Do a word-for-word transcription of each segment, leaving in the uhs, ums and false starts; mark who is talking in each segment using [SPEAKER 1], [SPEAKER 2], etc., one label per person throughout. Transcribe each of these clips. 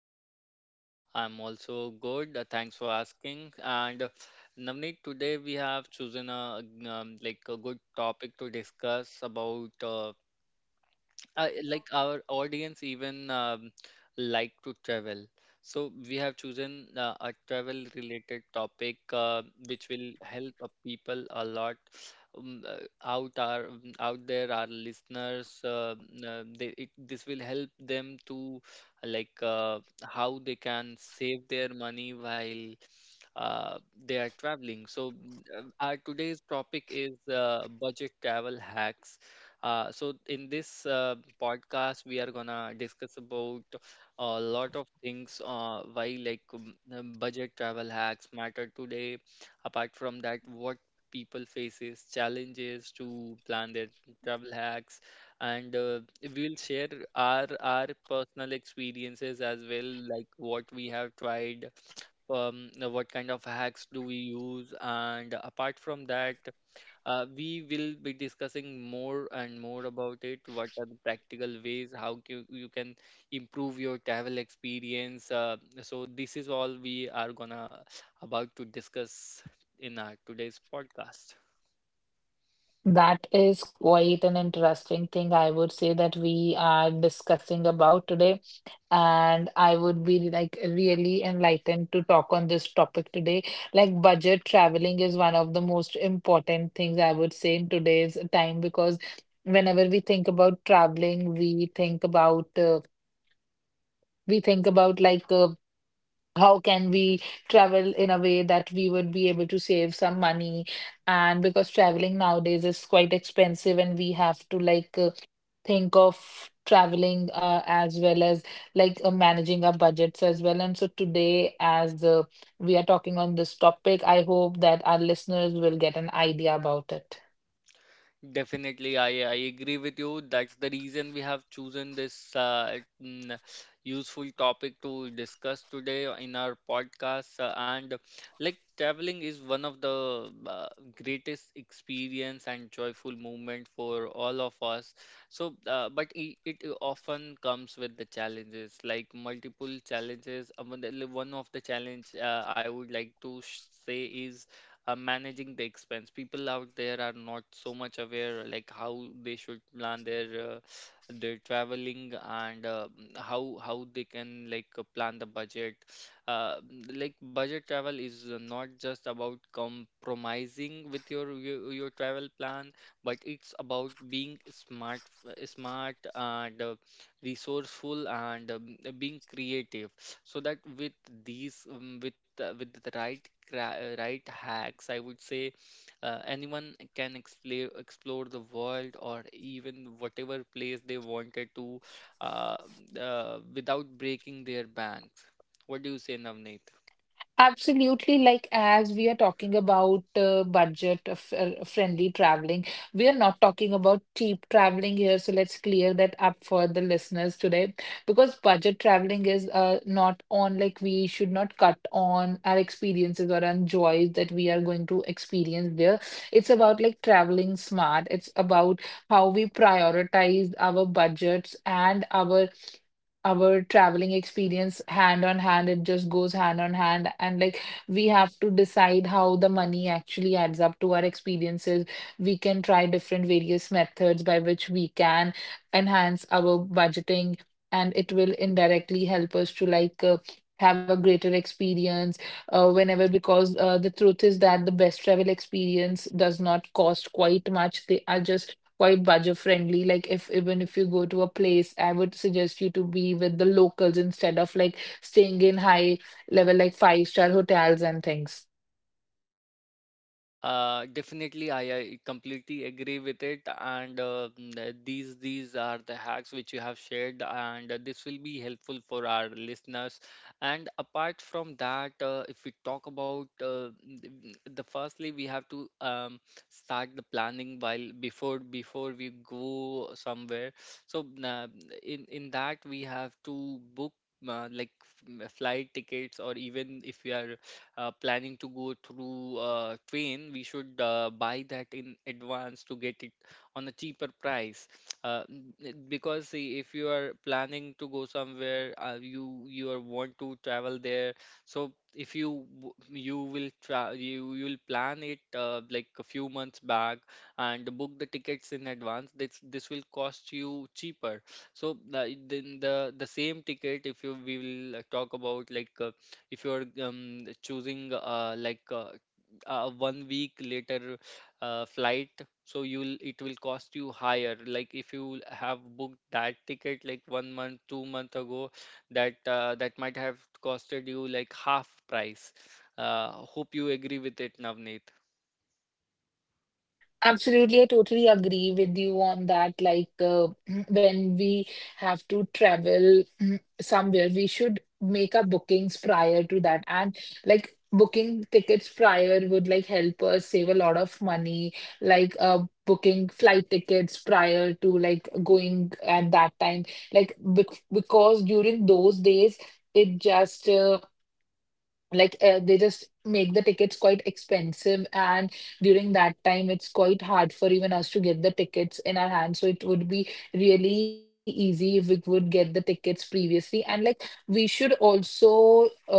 [SPEAKER 1] you?
[SPEAKER 2] I'm also good. uh, thanks for asking. And uh, Navneet, today we have chosen a um, like a good topic to discuss about uh, uh, like our audience even um, like to travel, so we have chosen uh, a travel related topic, uh, which will help uh, people a lot um, uh, out our um, out there our listeners, uh, uh, they, it, this will help them to uh, like uh, how they can save their money while uh, they are traveling. So mm, uh, our today's topic is uh, budget travel hacks. Uh, so in this uh, podcast, we are gonna discuss about a lot of things. Uh, why, like, um, uh, budget travel hacks matter today. Apart from that, what people faces challenges to plan their travel hacks, and uh, we'll share our our personal experiences as well, like what we have tried. Um, uh, what kind of hacks do we use? And apart from that, uh, we will be discussing more and more about it. What are the practical ways? How can, you can improve your travel experience? Uh, so this is all we are gonna about to discuss in our today's podcast.
[SPEAKER 1] That is quite an interesting thing I would say that we are discussing about today. And I would be like really enlightened to talk on this topic today. Like budget traveling is one of the most important things I would say in today's time because whenever we think about traveling, we think about uh, we think about like uh, how can we travel in a way that we would be able to save some money. And because traveling nowadays is quite expensive and we have to like uh, think of traveling uh, as well as like uh, managing our budgets as well. And so today, as uh, we are talking on this topic, I hope that our listeners will get an idea about it.
[SPEAKER 2] Definitely, I, I agree with you. That's the reason we have chosen this uh, mm, useful topic to discuss today in our podcast. Uh, and like traveling is one of the uh, greatest experience and joyful moment for all of us. So, uh, but it, it often comes with the challenges, like multiple challenges. Uh, One the- one of the challenge, uh, I would like to sh- say, is uh, managing the expense. People out there are not so much aware like how they should plan their uh, their traveling and uh, mm, how how they can, like, uh, plan the budget. Uh, mm, like budget travel is uh, not just about compromising with your your, your travel plan, but it's about being smart, uh, smart and uh, resourceful, and um, being creative, so that with these, um, with uh, with the right cra- uh, right hacks, I would say, uh, anyone can explore explore the world, or even whatever place they wanted to, uh, uh, without breaking their banks. What do you say, Navneet?
[SPEAKER 1] Absolutely, like as we are talking about uh, budget of, uh, friendly traveling, we are not talking about cheap traveling here. So let's clear that up for the listeners today, because budget traveling is uh, not on, like, we should not cut on our experiences or our joys that we are going to experience there. It's about like traveling smart, it's about how we prioritize our budgets and our our traveling experience hand on hand. It just goes hand on hand. And like, we have to decide how the money actually adds up to our experiences. We can try different various methods by which we can enhance our budgeting, and it will indirectly help us to like uh, have a greater experience uh, whenever, because uh, the truth is that the best travel experience does not cost quite much, they are just quite budget friendly. Like if even if you go to a place, I would suggest you to be with the locals instead of like staying in high level like five star hotels and things.
[SPEAKER 2] Uh, definitely, I, I completely agree with it, and uh, mm, these these are the hacks which you have shared, and uh, this will be helpful for our listeners. And apart from that, uh, if we talk about, uh, mm, the firstly, we have to um, start the planning while before before we go somewhere. So uh, in in that we have to book. Uh, like f- m- flight tickets, or even if you are uh, planning to go through uh, train, we should uh, buy that in advance to get it on a cheaper price. Uh, n- n- because, see, if you are planning to go somewhere, uh, you you are want to travel there, so if you w- you will tra you you'll plan it, uh, like a few months back, and book the tickets in advance, this this will cost you cheaper. So the, then the the same ticket, if you we will, uh, talk about, like, uh, if you're um, choosing, uh, like uh, a one week later uh, flight, so you'll it will cost you higher. Like, if you have booked that ticket like one month two month ago, that uh, that might have costed you like half price. Uh, hope you agree with it, Navneet.
[SPEAKER 1] Absolutely, I totally agree with you on that. Like, uh, when we have to travel, mm, somewhere, we should make our bookings prior to that. And like, booking tickets prior would like help us save a lot of money. Like, uh, booking flight tickets prior to like going at that time. Like, bec because during those days, it just uh, like uh, they just make the tickets quite expensive. And during that time it's quite hard for even us to get the tickets in our hands, so it would be really easy if we would get the tickets previously. And like, we should also uh,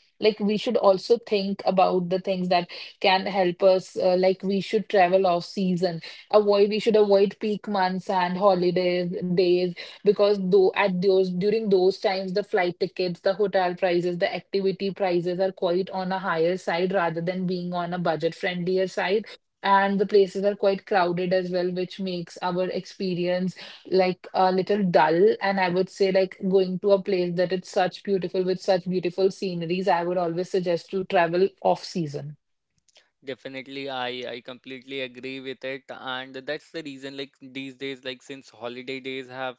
[SPEAKER 1] like, we should also think about the things that can help us uh, like, we should travel off season. Avoid We should avoid peak months and holidays days, because though at those during those times, the flight tickets, the hotel prices, the activity prices are quite on a higher side rather than being on a budget friendlier side. And the places are quite crowded as well, which makes our experience like a little dull. And I would say, like, going to a place that it's such beautiful with such beautiful sceneries, I would always suggest to travel off season.
[SPEAKER 2] Definitely, I I completely agree with it, and that's the reason. Like these days, like since holiday days have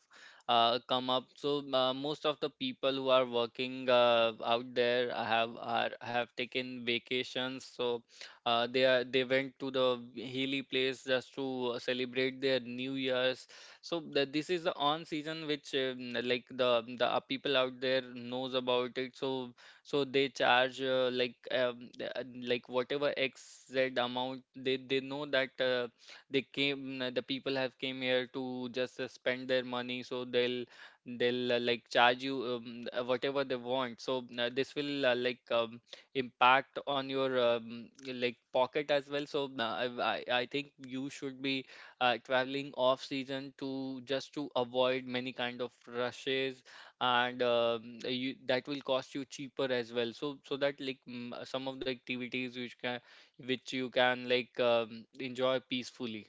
[SPEAKER 2] uh, come up, so uh, most of the people who are working uh, out there have are have taken vacations. So uh, they are they went to the hilly place just to celebrate their New Year's. So the, this is the on season, which um, like the the uh, people out there knows about it. So so they charge, uh, like, um, the- uh, like, whatever xz amount, they they know that uh, they came mm, uh, the people have came here to just uh, spend their money, so they'll they'll uh, like charge you um, uh, whatever they want. So uh, this will uh, like um, impact on your um, like pocket as well. So uh, I, I I think you should be uh, traveling off season, to just to avoid many kind of rushes, and um, uh, you, that will cost you cheaper as well. So so that, like, mm, uh, some of the activities which can which you can, like, um, enjoy peacefully.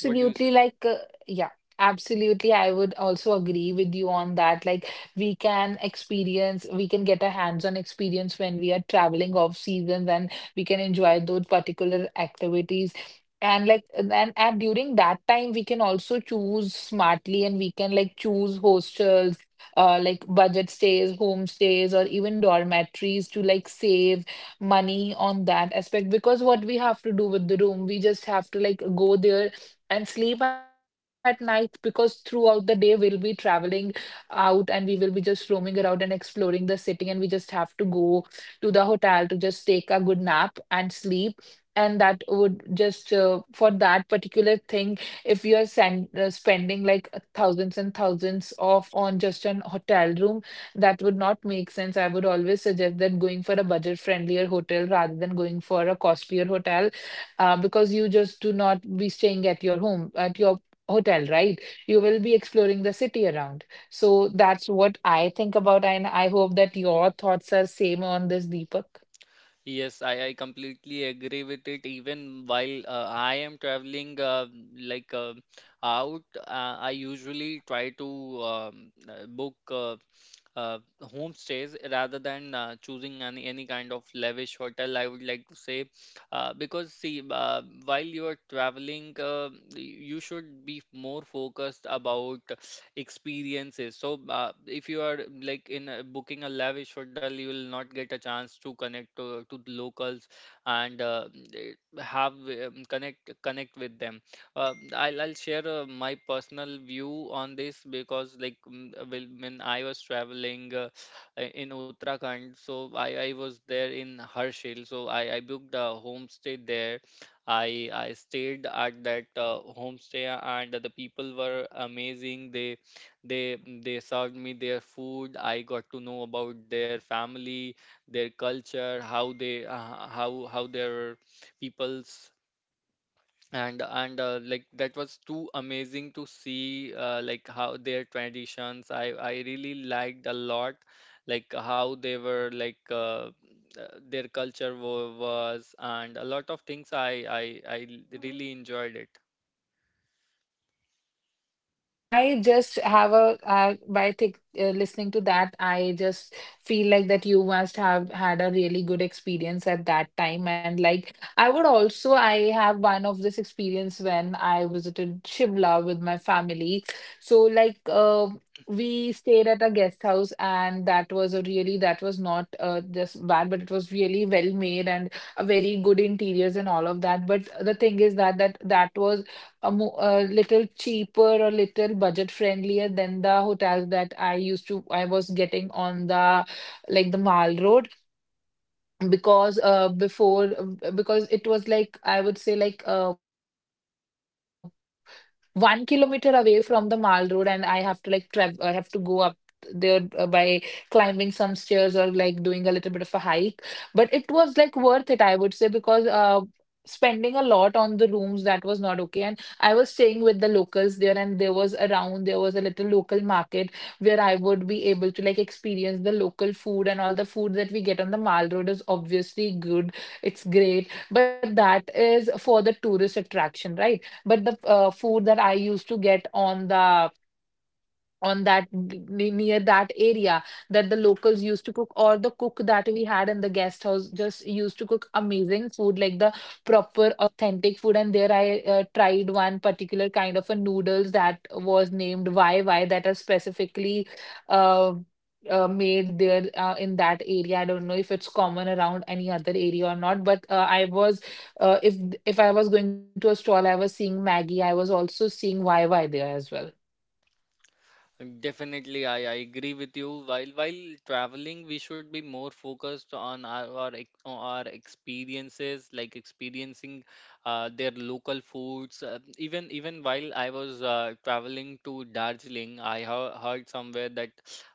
[SPEAKER 2] What do you say?
[SPEAKER 1] like, uh, yeah, absolutely. I would also agree with you on that. Like, we can experience, we can get a hands-on experience when we are traveling off seasons, and we can enjoy those particular activities. And like, and, and and during that time, we can also choose smartly and we can like choose hostels, uh, like budget stays, homestays, or even dormitories to like save money on that aspect. Because what we have to do with the room, we just have to like go there and sleep at night, because throughout the day we'll be traveling out and we will be just roaming around and exploring the city, and we just have to go to the hotel to just take a good nap and sleep. And that would just uh, for that particular thing, if you are sen- uh, spending like thousands and thousands of on just an hotel room, that would not make sense. I would always suggest that going for a budget friendlier hotel rather than going for a costlier hotel, uh, because you just do not be staying at your home at your hotel, right? You will be exploring the city around. So that's what I think about, and I hope that your thoughts are same on this, Deepak.
[SPEAKER 2] Yes, I, I completely agree with it. Even while uh, I am traveling, uh, like uh, out, uh, I usually try to um, uh, book uh, uh, homestays rather than uh, choosing any any kind of lavish hotel, I would like to say. Uh, because, see, uh, while you're traveling, uh, you should be more focused about experiences. So, uh, if you are like, in a, booking a lavish hotel, you will not get a chance to connect to, to the locals and uh, eh, have, um, connect, connect with them. Uh, I'll I'll share uh, my personal view on this, because, like, mm, well, when I was traveling uh, uh, in Uttarakhand. So I, I was there in Harshil. So I, I booked a homestay there. I I stayed at that uh, homestay, and the people were amazing. They they they served me their food. I got to know about their family, their culture, how they, uh, how how their peoples, and and uh, like that was too amazing to see uh, like how their traditions, i i really liked a lot, like how they were like, uh, uh, their culture wa- was, and a lot of things i i i l- really enjoyed it.
[SPEAKER 1] I just have a uh, by think, uh, listening to that, I just feel like that you must have had a really good experience at that time. And like, I would also, I have one of this experience when I visited Shimla with my family. So like, uh, we stayed at a guest house, and that was a really that was not uh, just bad, but it was really well made and a very good interiors and all of that. But the thing is that that that was a mo a little cheaper, a little budget friendlier than the hotels that I used to I was getting on the like the Mall Road. Because uh before uh, because it was like, I would say, like uh one kilometer away from the Mall Road, and I have to like travel. I have to go up there uh, by climbing some stairs or like doing a little bit of a hike. But it was like worth it, I would say, because uh, spending a lot on the rooms, that was not okay. And I was staying with the locals there, and there was around there was a little local market where I would be able to like experience the local food. And all the food that we get on the Mall Road is obviously good. It's great, but that is for the tourist attraction, right? But the uh, food that I used to get on the on that ne- near that area, that the locals used to cook, or the cook that we had in the guest house, just used to cook amazing food, like the proper authentic food. And there I uh, tried one particular kind of a noodles that was named yy, that are specifically uh, uh, made there uh, in that area. I don't know if it's common around any other area or not, but uh, I was uh, if if I was going to a stall, I was seeing maggie, I was also seeing yy there as well.
[SPEAKER 2] Definitely, I, I agree with you. While while traveling, we should be more focused on our our, ex- on our experiences, like experiencing uh, their local foods. Uh, even even while I was uh, traveling to Darjeeling, I hea- heard somewhere that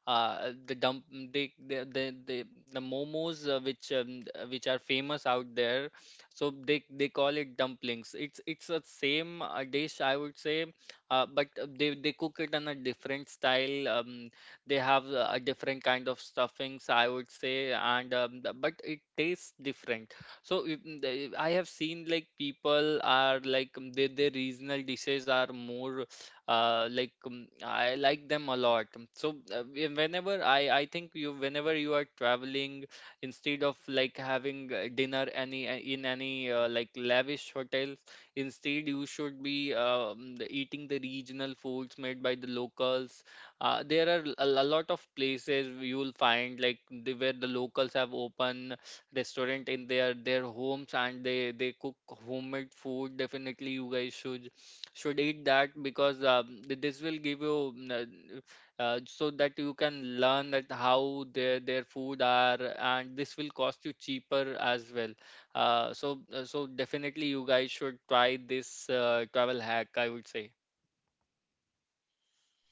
[SPEAKER 2] uh, the dump they, the the the the momos, uh, which um, uh, which are famous out there, so they they call it dumplings. It's it's a same uh, dish, I would say. Uh, but uh, they they cook it in a different style. Um, they have uh, a different kind of stuffings, I would say, and um, th- but it tastes different. So if- mm, the- I have seen, like, people are, like, um, their their regional dishes are more, uh, like, um, I like them a lot. So uh, whe- whenever I I think you whenever you are traveling, instead of like having uh, dinner any uh, in any uh, like lavish hotel. Instead, you should be um, the- eating the regional foods made by the locals. Uh, there are a, a lot of places you will find, like, the, where the locals have open restaurant in their their homes, and they they cook homemade food. Definitely, you guys should should eat that, because um, th- this will give you, mm, uh, uh, so that you can learn that how their their food are, and this will cost you cheaper as well. Uh, so uh, so, definitely, you guys should try this uh, travel hack, I would say.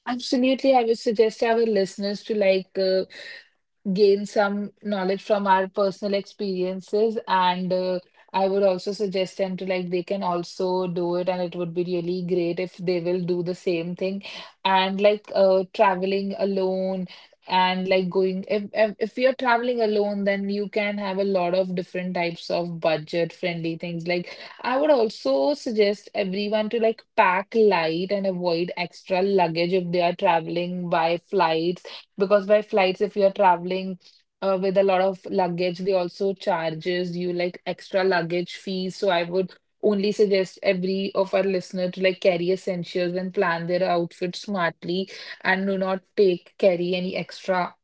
[SPEAKER 1] Absolutely, I would suggest our listeners to like uh, gain some knowledge from our personal experiences. And uh, I would also suggest them to like they can also do it, and it would be really great if they will do the same thing. And like, uh traveling alone. And like, going, if if, if you're traveling alone, then you can have a lot of different types of budget friendly things. Like, I would also suggest everyone to like pack light and avoid extra luggage if they are traveling by flight, because by flights if you're traveling uh, with a lot of luggage, they also charges you like extra luggage fees. So I would only suggest every of our listener to like carry essentials and plan their outfit smartly, and do not take carry any extra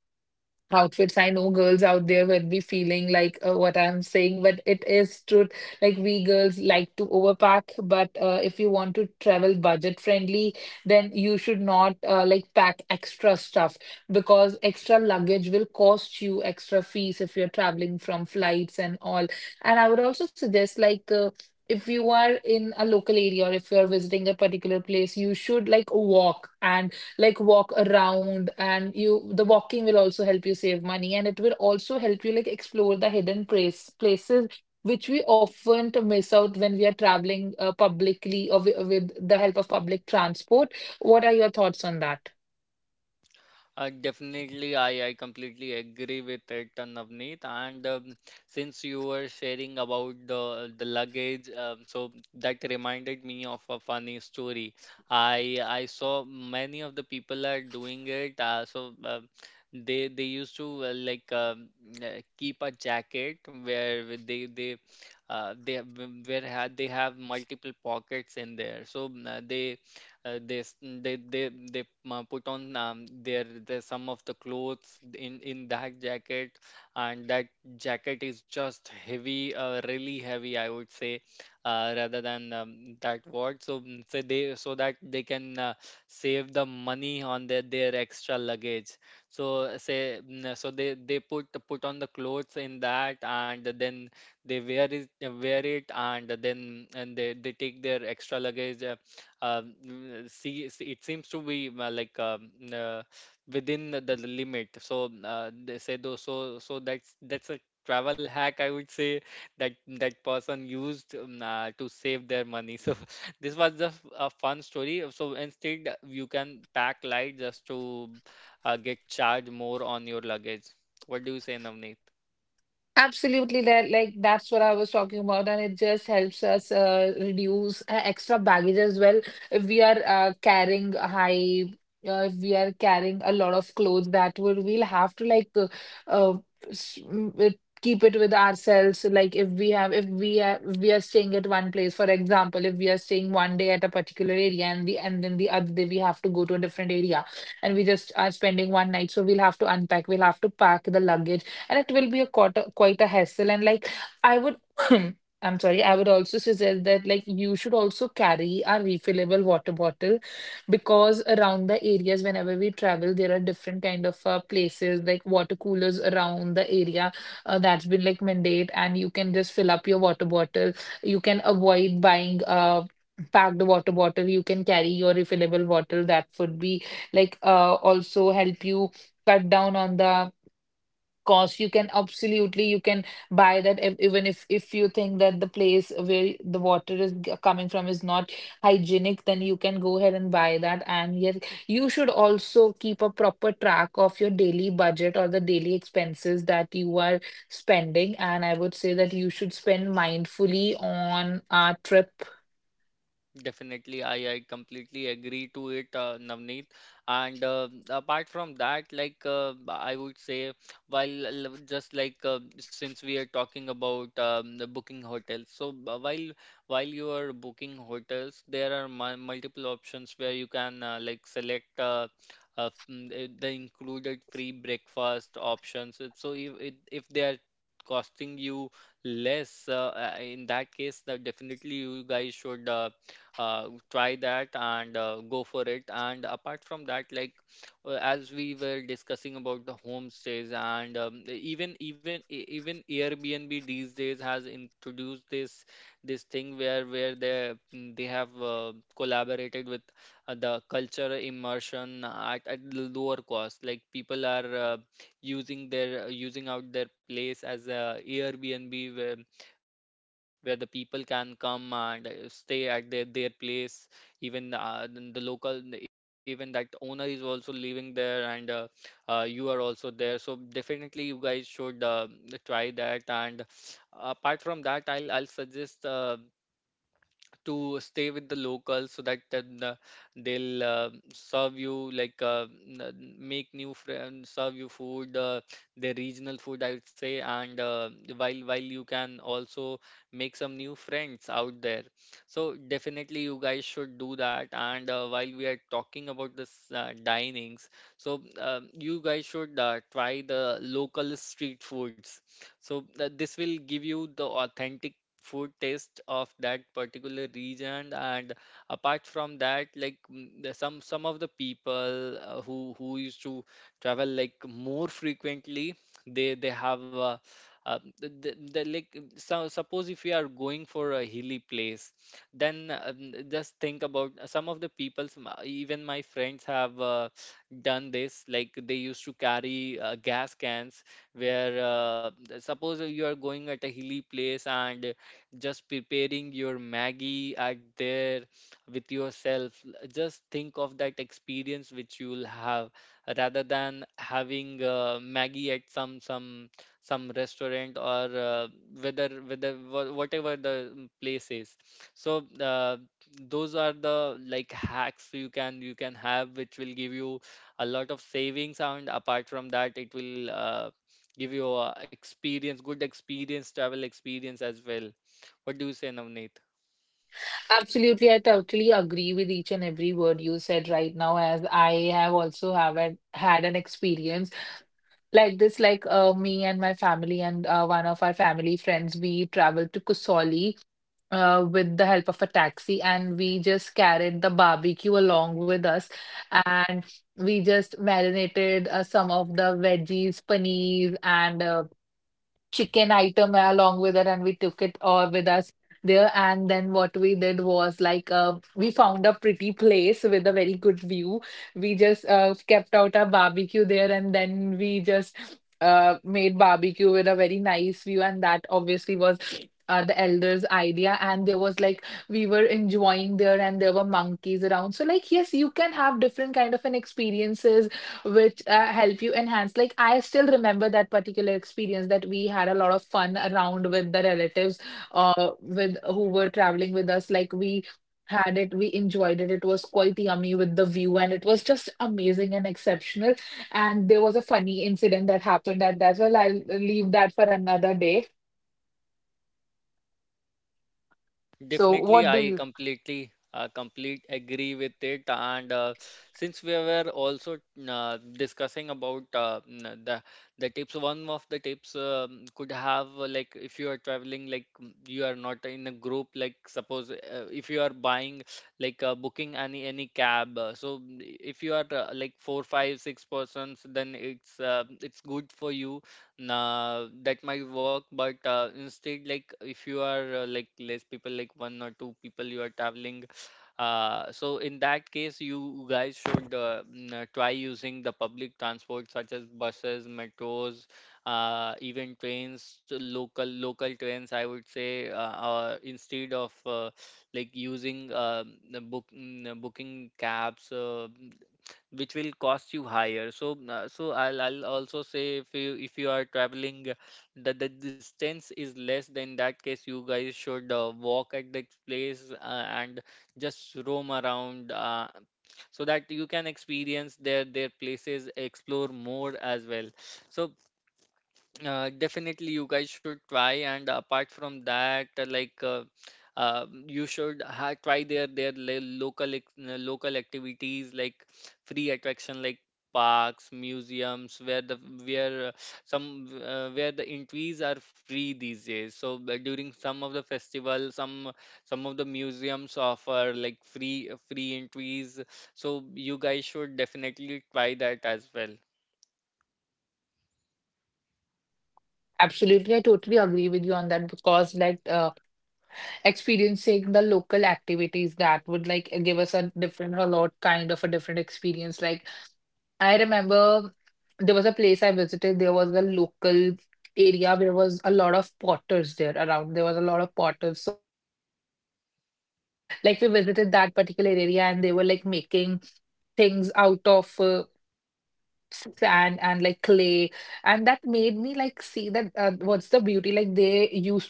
[SPEAKER 1] outfits. I know girls out there will be feeling like uh, what I'm saying, but it is true. Like we girls like to overpack, but uh, if you want to travel budget friendly, then you should not uh, like pack extra stuff, because extra luggage will cost you extra fees if you're traveling from flights and all. And I would also suggest, like, uh, if you are in a local area or if you are visiting a particular place, you should like walk and like walk around. And you the walking will also help you save money, and it will also help you like explore the hidden place places which we often to miss out when we are traveling uh, publicly, or wi- with the help of public transport. What are your thoughts on that?
[SPEAKER 2] Uh, definitely, I, I completely agree with it, uh, Navneet. And um, since you were sharing about the the luggage, um, so that reminded me of a funny story. I I saw many of the people are doing it. Uh, so uh, they they used to, uh, like um, uh, keep a jacket, where with they they uh, they have- where had they have multiple pockets in there. So uh, they uh, they s- they they they uh, put on um, their, their some of the clothes in in that jacket, and that jacket is just heavy, uh, really heavy, I would say, uh, rather than, um, that what so mm, so they, so that they can uh, save the money on their their extra luggage. So uh, say mm, so they they put put on the clothes in that, and then they wear it wear it, and then and they, they take their extra luggage. uh, um, mm, see, see, it seems to be, uh, like, um, uh, within the, the limit, so uh, they say though so so that's that's a travel hack, I would say, that that person used, um, uh, to save their money. So this was just a fun story, so instead you can pack light, just to uh, get charged more on your luggage. What do you say, Navneet?
[SPEAKER 1] Absolutely, that like that's what I was talking about, and it just helps us uh, reduce uh, extra baggage as well. If we are uh, carrying a high, uh, if we are carrying a lot of clothes, that would we'll have to like uh, uh, s- m- it- keep it with ourselves. Like if we have, if we are, if we are staying at one place, for example, if we are staying one day at a particular area, and we and then the other day we have to go to a different area, and we just are spending one night, so we'll have to unpack, we'll have to pack the luggage, and it will be a quite a, quite a hassle. And like I would I'm sorry I would also suggest that like you should also carry a refillable water bottle, because around the areas whenever we travel there are different kind of uh, places like water coolers around the area, uh, that's been like mandate and you can just fill up your water bottle. You can avoid buying uh packed water bottle. You can carry your refillable bottle. That would be like uh also help you cut down on the cost. You can absolutely, you can buy that ev- even if if you think that the place where the water is g- coming from is not hygienic, then you can go ahead and buy that. And yet you should also keep a proper track of your daily budget or the daily expenses that you are spending. And I would say that you should spend mindfully on a trip.
[SPEAKER 2] Definitely, I, I completely agree to it, uh, Navneet. And uh, apart from that, like uh, I would say, while l- just like uh, since we are talking about um, the booking hotels, so uh, while while you are booking hotels, there are mu multiple options where you can uh, like select uh, uh, mm, the the included free breakfast options. If- So if if if they are costing you less, uh, uh, in that case, that definitely you guys should. Uh, uh, try that and uh, go for it. And apart from that, like uh, as we were discussing about the homestays, and um, even even e- even Airbnb these days has introduced this this thing where where they mm, they have uh, collaborated with uh, the culture immersion at, at l- lower cost. Like people are uh, using their, using out their place as a Airbnb where the people can come and uh, stay at their, their place, even uh, then the local, even that owner is also living there, and uh, uh, you are also there. So definitely you guys should uh, try that. And apart from that, i'll i'll suggest uh, to stay with the locals, so that then, uh, they'll uh, serve you, like uh, n- n- make new friends, serve you food, uh, their regional food, I would say. And uh, while while you can also make some new friends out there. So definitely you guys should do that. And uh, while we are talking about this uh, dinings, so uh, you guys should uh, try the local street foods. so uh, this will give you the authentic food taste of that particular region. And apart from that, like mm, the- some some of the people uh, who who used to travel like more frequently, they they have uh, uh, the, the, like so suppose if you are going for a hilly place, then um, just think about some of the people, even my friends have uh, done this, like they used to carry uh, gas cans, where uh, suppose you are going at a hilly place and just preparing your Maggie at there with yourself. Just think of that experience which you'll have, rather than having uh, Maggie at some some some restaurant, or uh, whether whether wha- whatever the mm, place is. So uh, those are the like hacks you can you can have, which will give you a lot of savings. And apart from that, it will uh, give you a experience, good experience, travel experience as well. What do you say, Navneet?
[SPEAKER 1] Absolutely, I totally agree with each and every word you said right now, as I have also have an- had an experience like this, like uh, me and my family and uh, one of our family friends, we traveled to Kusoli uh, with the help of a taxi, and we just carried the barbecue along with us. And we just marinated uh, some of the veggies, paneer and uh, chicken item along with it, and we took it all with us there. And then what we did was like uh, we found a pretty place with a very good view. We just uh, kept out our barbecue there, and then we just uh, made barbecue with a very nice view. And that obviously was uh, the elders idea. And there was like we were enjoying there, and there were monkeys around. So like yes, you can have different kind of an experiences which uh, help you enhance. Like I still remember that particular experience, that we had a lot of fun around with the relatives, uh, with who were traveling with us. Like we had it, we enjoyed it. It was quite yummy with the view, and it was just amazing and exceptional. And there was a funny incident that happened at that. Well, I'll leave that for another day. So,
[SPEAKER 2] Definitely,
[SPEAKER 1] what do
[SPEAKER 2] I
[SPEAKER 1] you?
[SPEAKER 2] completely uh, complete agree with it. And uh, since we were also uh, discussing about uh, n- the the tips, one of the tips um, could have, uh, like if you are traveling, like m- you are not in a group. Like suppose uh, if you are buying, like uh, booking any any cab. uh, So mm, if you are uh, like four, five, six persons, then it's uh, it's good for you, nah, that might work. But uh, instead, like if you are uh, like less people, like one or two people, you are traveling. Uh, so in that case, you guys should uh, mm, uh, try using the public transport, such as buses, metros, uh, even trains, to local local trains, I would say, uh, or instead of uh, like using uh, book mm, uh, booking cabs, Uh, which will cost you higher. So, uh, so I'll, I'll also say, if you if you are traveling, uh, the the distance is less. Then that case, you guys should uh, walk at the place, uh, and just roam around. Uh, so that you can experience their their places, explore more as well. so uh, definitely, you guys should try. And apart from that, uh, like uh, uh, you should ha try their their lo- local ex- uh, local activities, like free attraction, like parks, museums, where the where uh, some uh, where the entries are free these days. So uh, during some of the festival, some some of the museums offer like free free entries. So you guys should definitely try that as well.
[SPEAKER 1] Absolutely, I totally agree with you on that because, like, uh, experiencing the local activities, that would like give us a different a lot kind of a different experience. Like I remember there was a place I visited, there was a local area where was a lot of potters there around, there was a lot of potters. So like we visited that particular area, and they were like making things out of uh, sand and like clay. And that made me like see that uh, what's the beauty, like they used to sh- they were shaping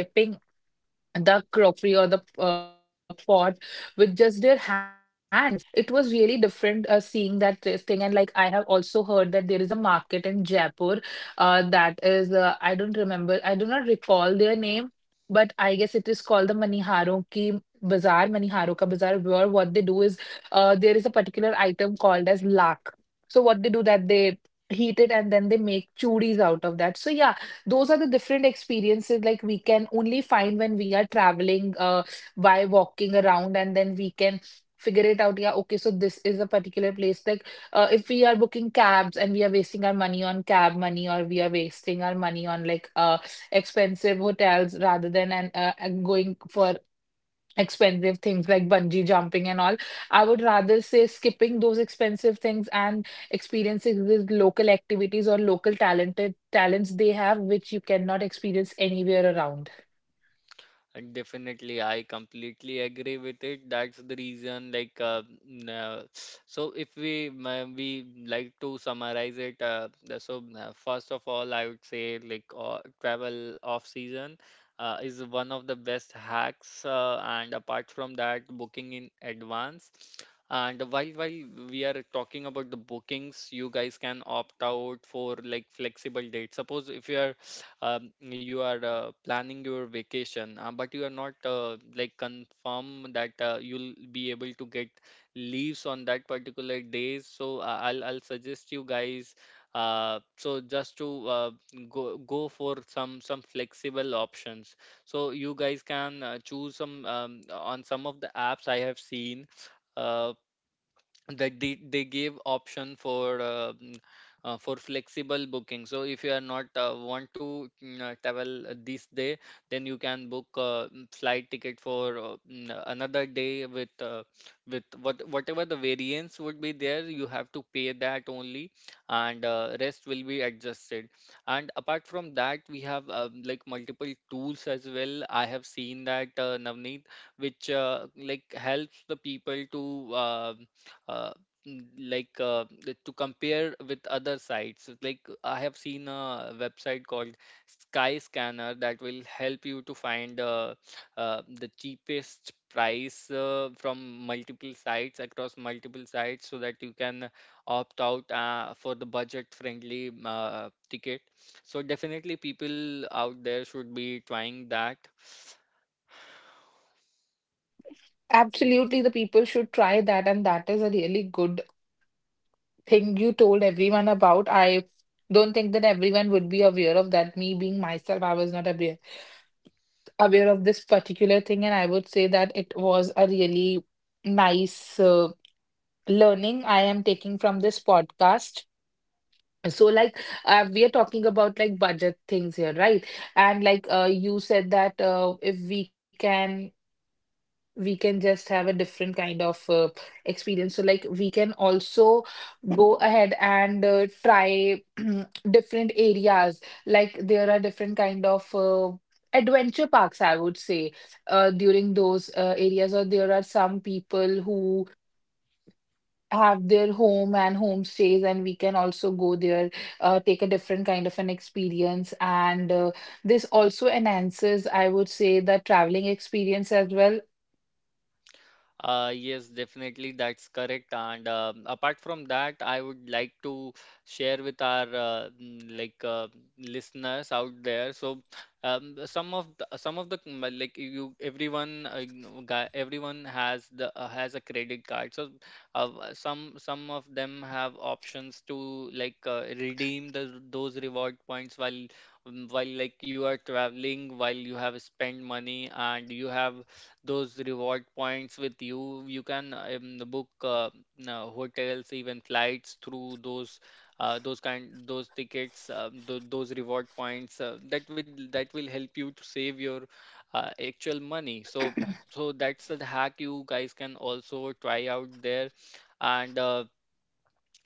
[SPEAKER 1] the crockery or the uh, pot with just their hands. It was really different uh, seeing that uh, thing. And like I have also heard that there is a market in Jaipur uh, that is, uh, I don't remember, I do not recall their name, but I guess it is called the Maniharon ki Bazaar, Maniharo ka Bazaar, where what they do is uh, there is a particular item called as lak. So what they do that they heat it and then they make chudis out of that. So yeah, those are the different experiences like we can only find when we are traveling uh, by walking around, and then we can figure it out. Yeah, okay, so this is a particular place. Like uh, if we are booking cabs and we are wasting our money on cab money, or we are wasting our money on like uh expensive hotels, rather than and uh, and going for expensive things like bungee jumping and all. I would rather say skipping those expensive things and experiencing these local activities or local talented talents they have, which you cannot experience anywhere around.
[SPEAKER 2] And Definitely, I completely agree with it. That's the reason, like, uh, n- uh, so if we ma- we like to summarize it, uh, the- so uh, first of all, I would say, like uh, travel off season uh, is one of the best hacks. Uh, and apart from that, booking in advance. And while while we are talking about the bookings, you guys can opt out for like flexible dates. Suppose if you are um, you are uh, planning your vacation, uh, but you are not uh, like confirm that uh, you'll be able to get leaves on that particular days. So uh, I'll I'll suggest you guys. Uh, so just to uh, go go for some some flexible options. So you guys can uh, choose some, um, on some of the apps I have seen, Uh, that they, they gave option for uh, mm, uh, for flexible booking. So if you are not uh, want to mm, uh, travel uh, this day, then you can book uh, mm, flight ticket for uh, mm, uh, another day with uh, with what whatever the variance would be there, you have to pay that only, and uh, rest will be adjusted. And apart from that, we have uh, like multiple tools as well, I have seen that, uh, Navneet, which uh, like helps the people to uh, uh, n- like uh, the- to compare with other sites. Like I have seen a website called Sky Scanner that will help you to find uh, uh, the cheapest price uh, from multiple sites, across multiple sites, so that you can opt out uh, for the budget friendly uh, ticket. So definitely people out there should be trying that.
[SPEAKER 1] Absolutely, the people should try that, and that is a really good thing you told everyone about. I don't think that everyone would be aware of that. Me being myself, I was not aware aware of this particular thing. And I would say that it was a really nice. Uh, learning I am taking from this podcast. So, like, uh, we are talking about like budget things here, right? And like, uh, you said that uh, if we can, we can just have a different kind of uh, experience. So, like, we can also go ahead and uh, try different areas. Like, there are different kind of uh, adventure parks, I would say, uh, during those uh, areas, or there are some people who have their home and homestays, and we can also go there, uh, take a different kind of an experience. And uh, this also enhances, I would say, the traveling experience as well.
[SPEAKER 2] Uh, yes, definitely, that's correct. And um apart from that, I would like to share with our uh, mm, like uh, listeners out there. So, um, some of the, some of the mm, uh, like you everyone uh, you guy- everyone has the, uh, has a credit card. So, uh, uh, some some of them have options to like uh, redeem the, those reward points. While mm, while like you are traveling, while you have spent money, and you have those reward points with you, you can um, book uh, n- uh, hotels, even flights through those uh, those kind those tickets, um, th- those reward points. Uh, that will that will help you to save your uh, actual money. So so that's the hack you guys can also try out there. And. Uh,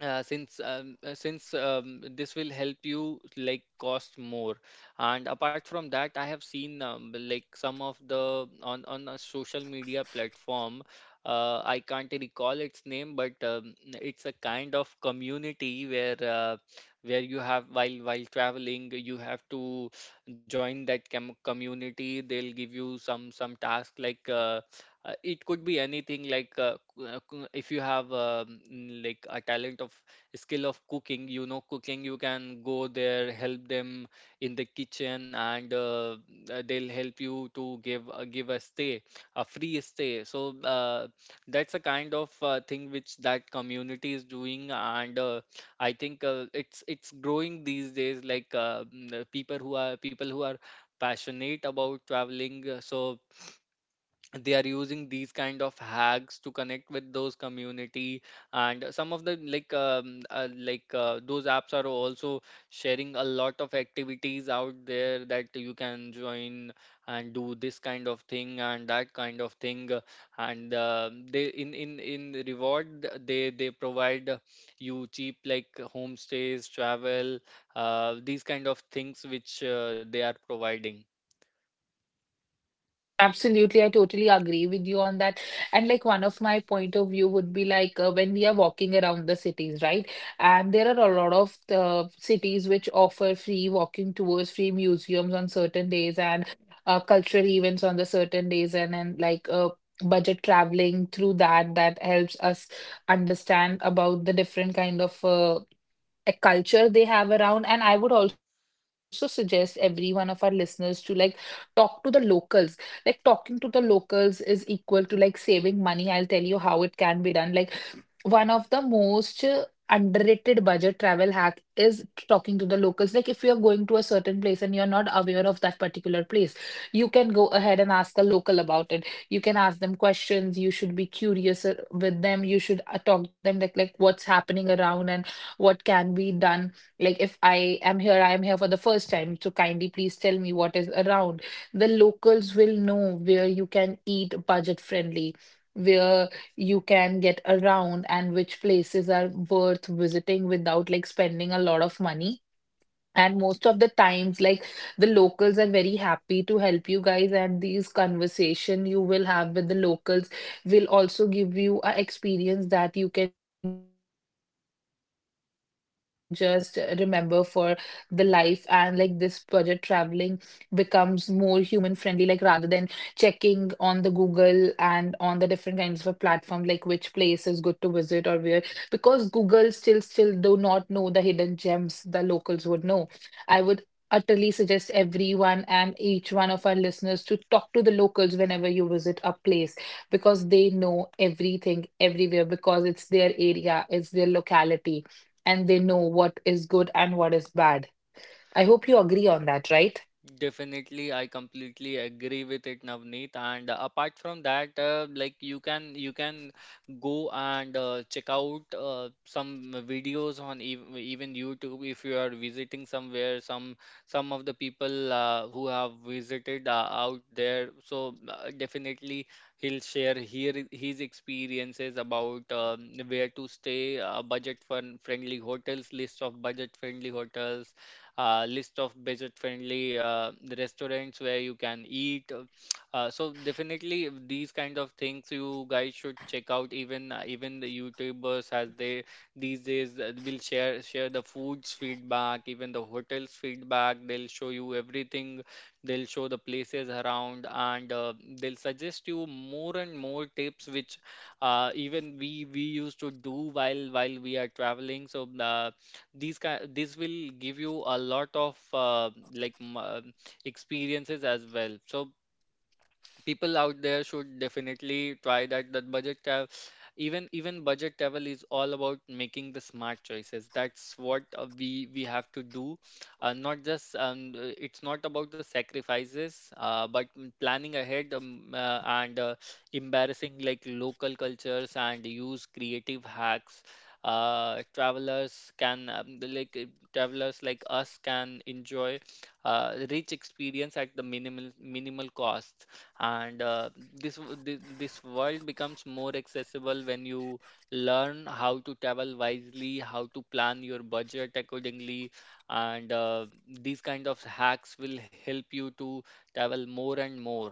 [SPEAKER 2] uh, since um, uh, since um, This will help you like cost more. And apart from that, I have seen, um, like some of the, on on a social media platform, uh, I can't recall its name, but um, it's a kind of community where uh, where you have, while while traveling, you have to join that com- community. They'll give you some some task, like uh, uh, it could be anything, like uh, c- uh, c- if you have um, mm, like a talent of, skill of cooking, you know cooking, you can go there, help them in the kitchen, and uh, uh, they'll help you to give uh, give a stay, a free stay. So uh, that's a kind of uh, thing which that community is doing. And uh, I think uh, it's it's growing these days, like uh, mm, uh, people who are people who are passionate about traveling. Uh, so they are using these kind of hacks to connect with those community. And some of the, like um, uh, like uh, those apps are also sharing a lot of activities out there that you can join and do this kind of thing and that kind of thing. Uh, and uh, They in in in reward, they they provide you cheap, like homestays, travel, uh, these kind of things which uh, they are providing.
[SPEAKER 1] Absolutely, I totally agree with you on that. And like one of my point of view would be like uh, when we are walking around the cities, right? And there are a lot of uh, cities which offer free walking tours, free museums on certain days, and uh, cultural events on the certain days, and and like uh, budget traveling through that that helps us understand about the different kind of uh, a culture they have around. And I would also suggest every one of our listeners to like talk to the locals. Like talking to the locals is equal to like saving money. I'll tell you how it can be done. Like one of the most uh, underrated budget travel hack is talking to the locals. Like if you're going to a certain place and you're not aware of that particular place, you can go ahead and ask a local about it. You can ask them questions. You should be curious uh, with them. You should uh, talk them like like what's happening around and what can be done. Like if I am here, I am here for the first time. So kindly please tell me what is around. The locals will know where you can eat budget friendly. Where you can get around and which places are worth visiting without like spending a lot of money. And most of the times, like the locals are very happy to help you guys, and these conversation you will have with the locals will also give you a experience that you can just remember for the life. And like this budget traveling becomes more human friendly, like rather than checking on the Google and on the different kinds of platform, like which place is good to visit or where, because Google still still do not know the hidden gems the locals would know. I would utterly suggest everyone and each one of our listeners to talk to the locals whenever you visit a place, because they know everything everywhere, because it's their area, it's their locality, and they know what is good and what is bad. I hope you agree on that, right?
[SPEAKER 2] Definitely, I completely agree with it, Navneet. And uh, apart from that, uh, like you can you can go and uh, check out uh, some videos on ev even YouTube if you are visiting somewhere. Some some of the people uh, who have visited uh, out there. So uh, definitely he'll share here i- his experiences about um, where to stay, uh, budget fun friendly hotels, list of budget friendly hotels, uh, list of budget friendly uh, restaurants where you can eat uh, uh, So definitely these kind of things you guys should check out. Even uh, even the youtubers, as they these days uh, will share share the foods feedback, even the hotels feedback, they'll show you everything, they'll show the places around, and uh, they'll suggest you more and more tips which uh, even we we used to do while while we are traveling. So uh, these kind, this will give you a lot of uh, like m- uh, experiences as well. So people out there should definitely try that, that budget travel. Even even budget travel is all about making the smart choices. That's what uh, we we have to do. Uh, not just um, uh, it's not about the sacrifices, uh, but m- planning ahead, um, uh, and uh, embarrassing like local cultures and use creative hacks. uh, travelers can um, the, like uh, Travelers like us can enjoy uh, rich experience at the minimal minimal cost. And uh, this w- thi- This world becomes more accessible when you learn how to travel wisely, how to plan your budget accordingly. And uh, These kind of hacks will help you to travel more and more.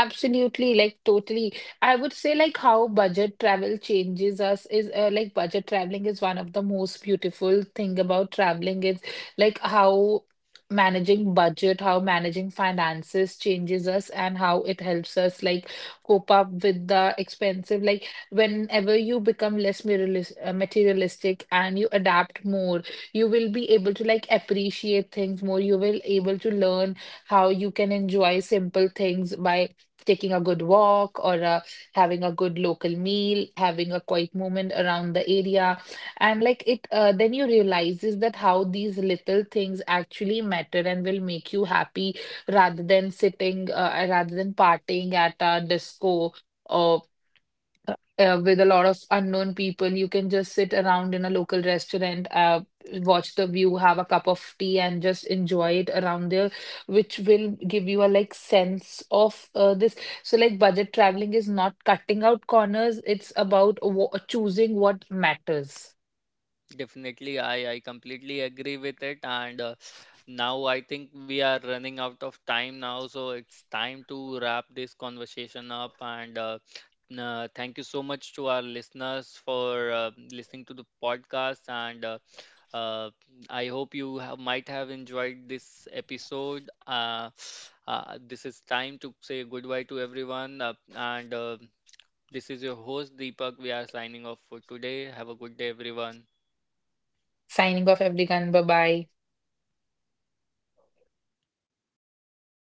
[SPEAKER 1] Absolutely, like totally. I would say like how budget travel changes us is uh, like budget traveling is one of the most beautiful thing about traveling is like how managing budget, how managing finances changes us and how it helps us like cope up with the expensive, like whenever you become less materialis- uh, materialistic and you adapt more, you will be able to like appreciate things more. You will able to learn how you can enjoy simple things by taking a good walk, or uh, having a good local meal, having a quiet moment around the area. And like it uh, then you realizes that how these little things actually matter and will make you happy, rather than sitting uh, rather than partying at a disco, or uh, uh, with a lot of unknown people. You can just sit around in a local restaurant, uh, watch the view, have a cup of tea, and just enjoy it around there, which will give you a like sense of uh, this. So, like, budget traveling is not cutting out corners, it's about wa- choosing what matters.
[SPEAKER 2] Definitely, I, I completely agree with it. And uh, now I think we are running out of time now, so it's time to wrap this conversation up. And uh, n- uh, thank you so much to our listeners for uh, listening to the podcast. And uh, uh, I hope you have, might have enjoyed this episode. Uh, uh, this is time to say goodbye to everyone. Uh, and uh, this is your host, Deepak. We are signing off for today. Have a good day, everyone.
[SPEAKER 1] Signing off, everyone. Bye bye.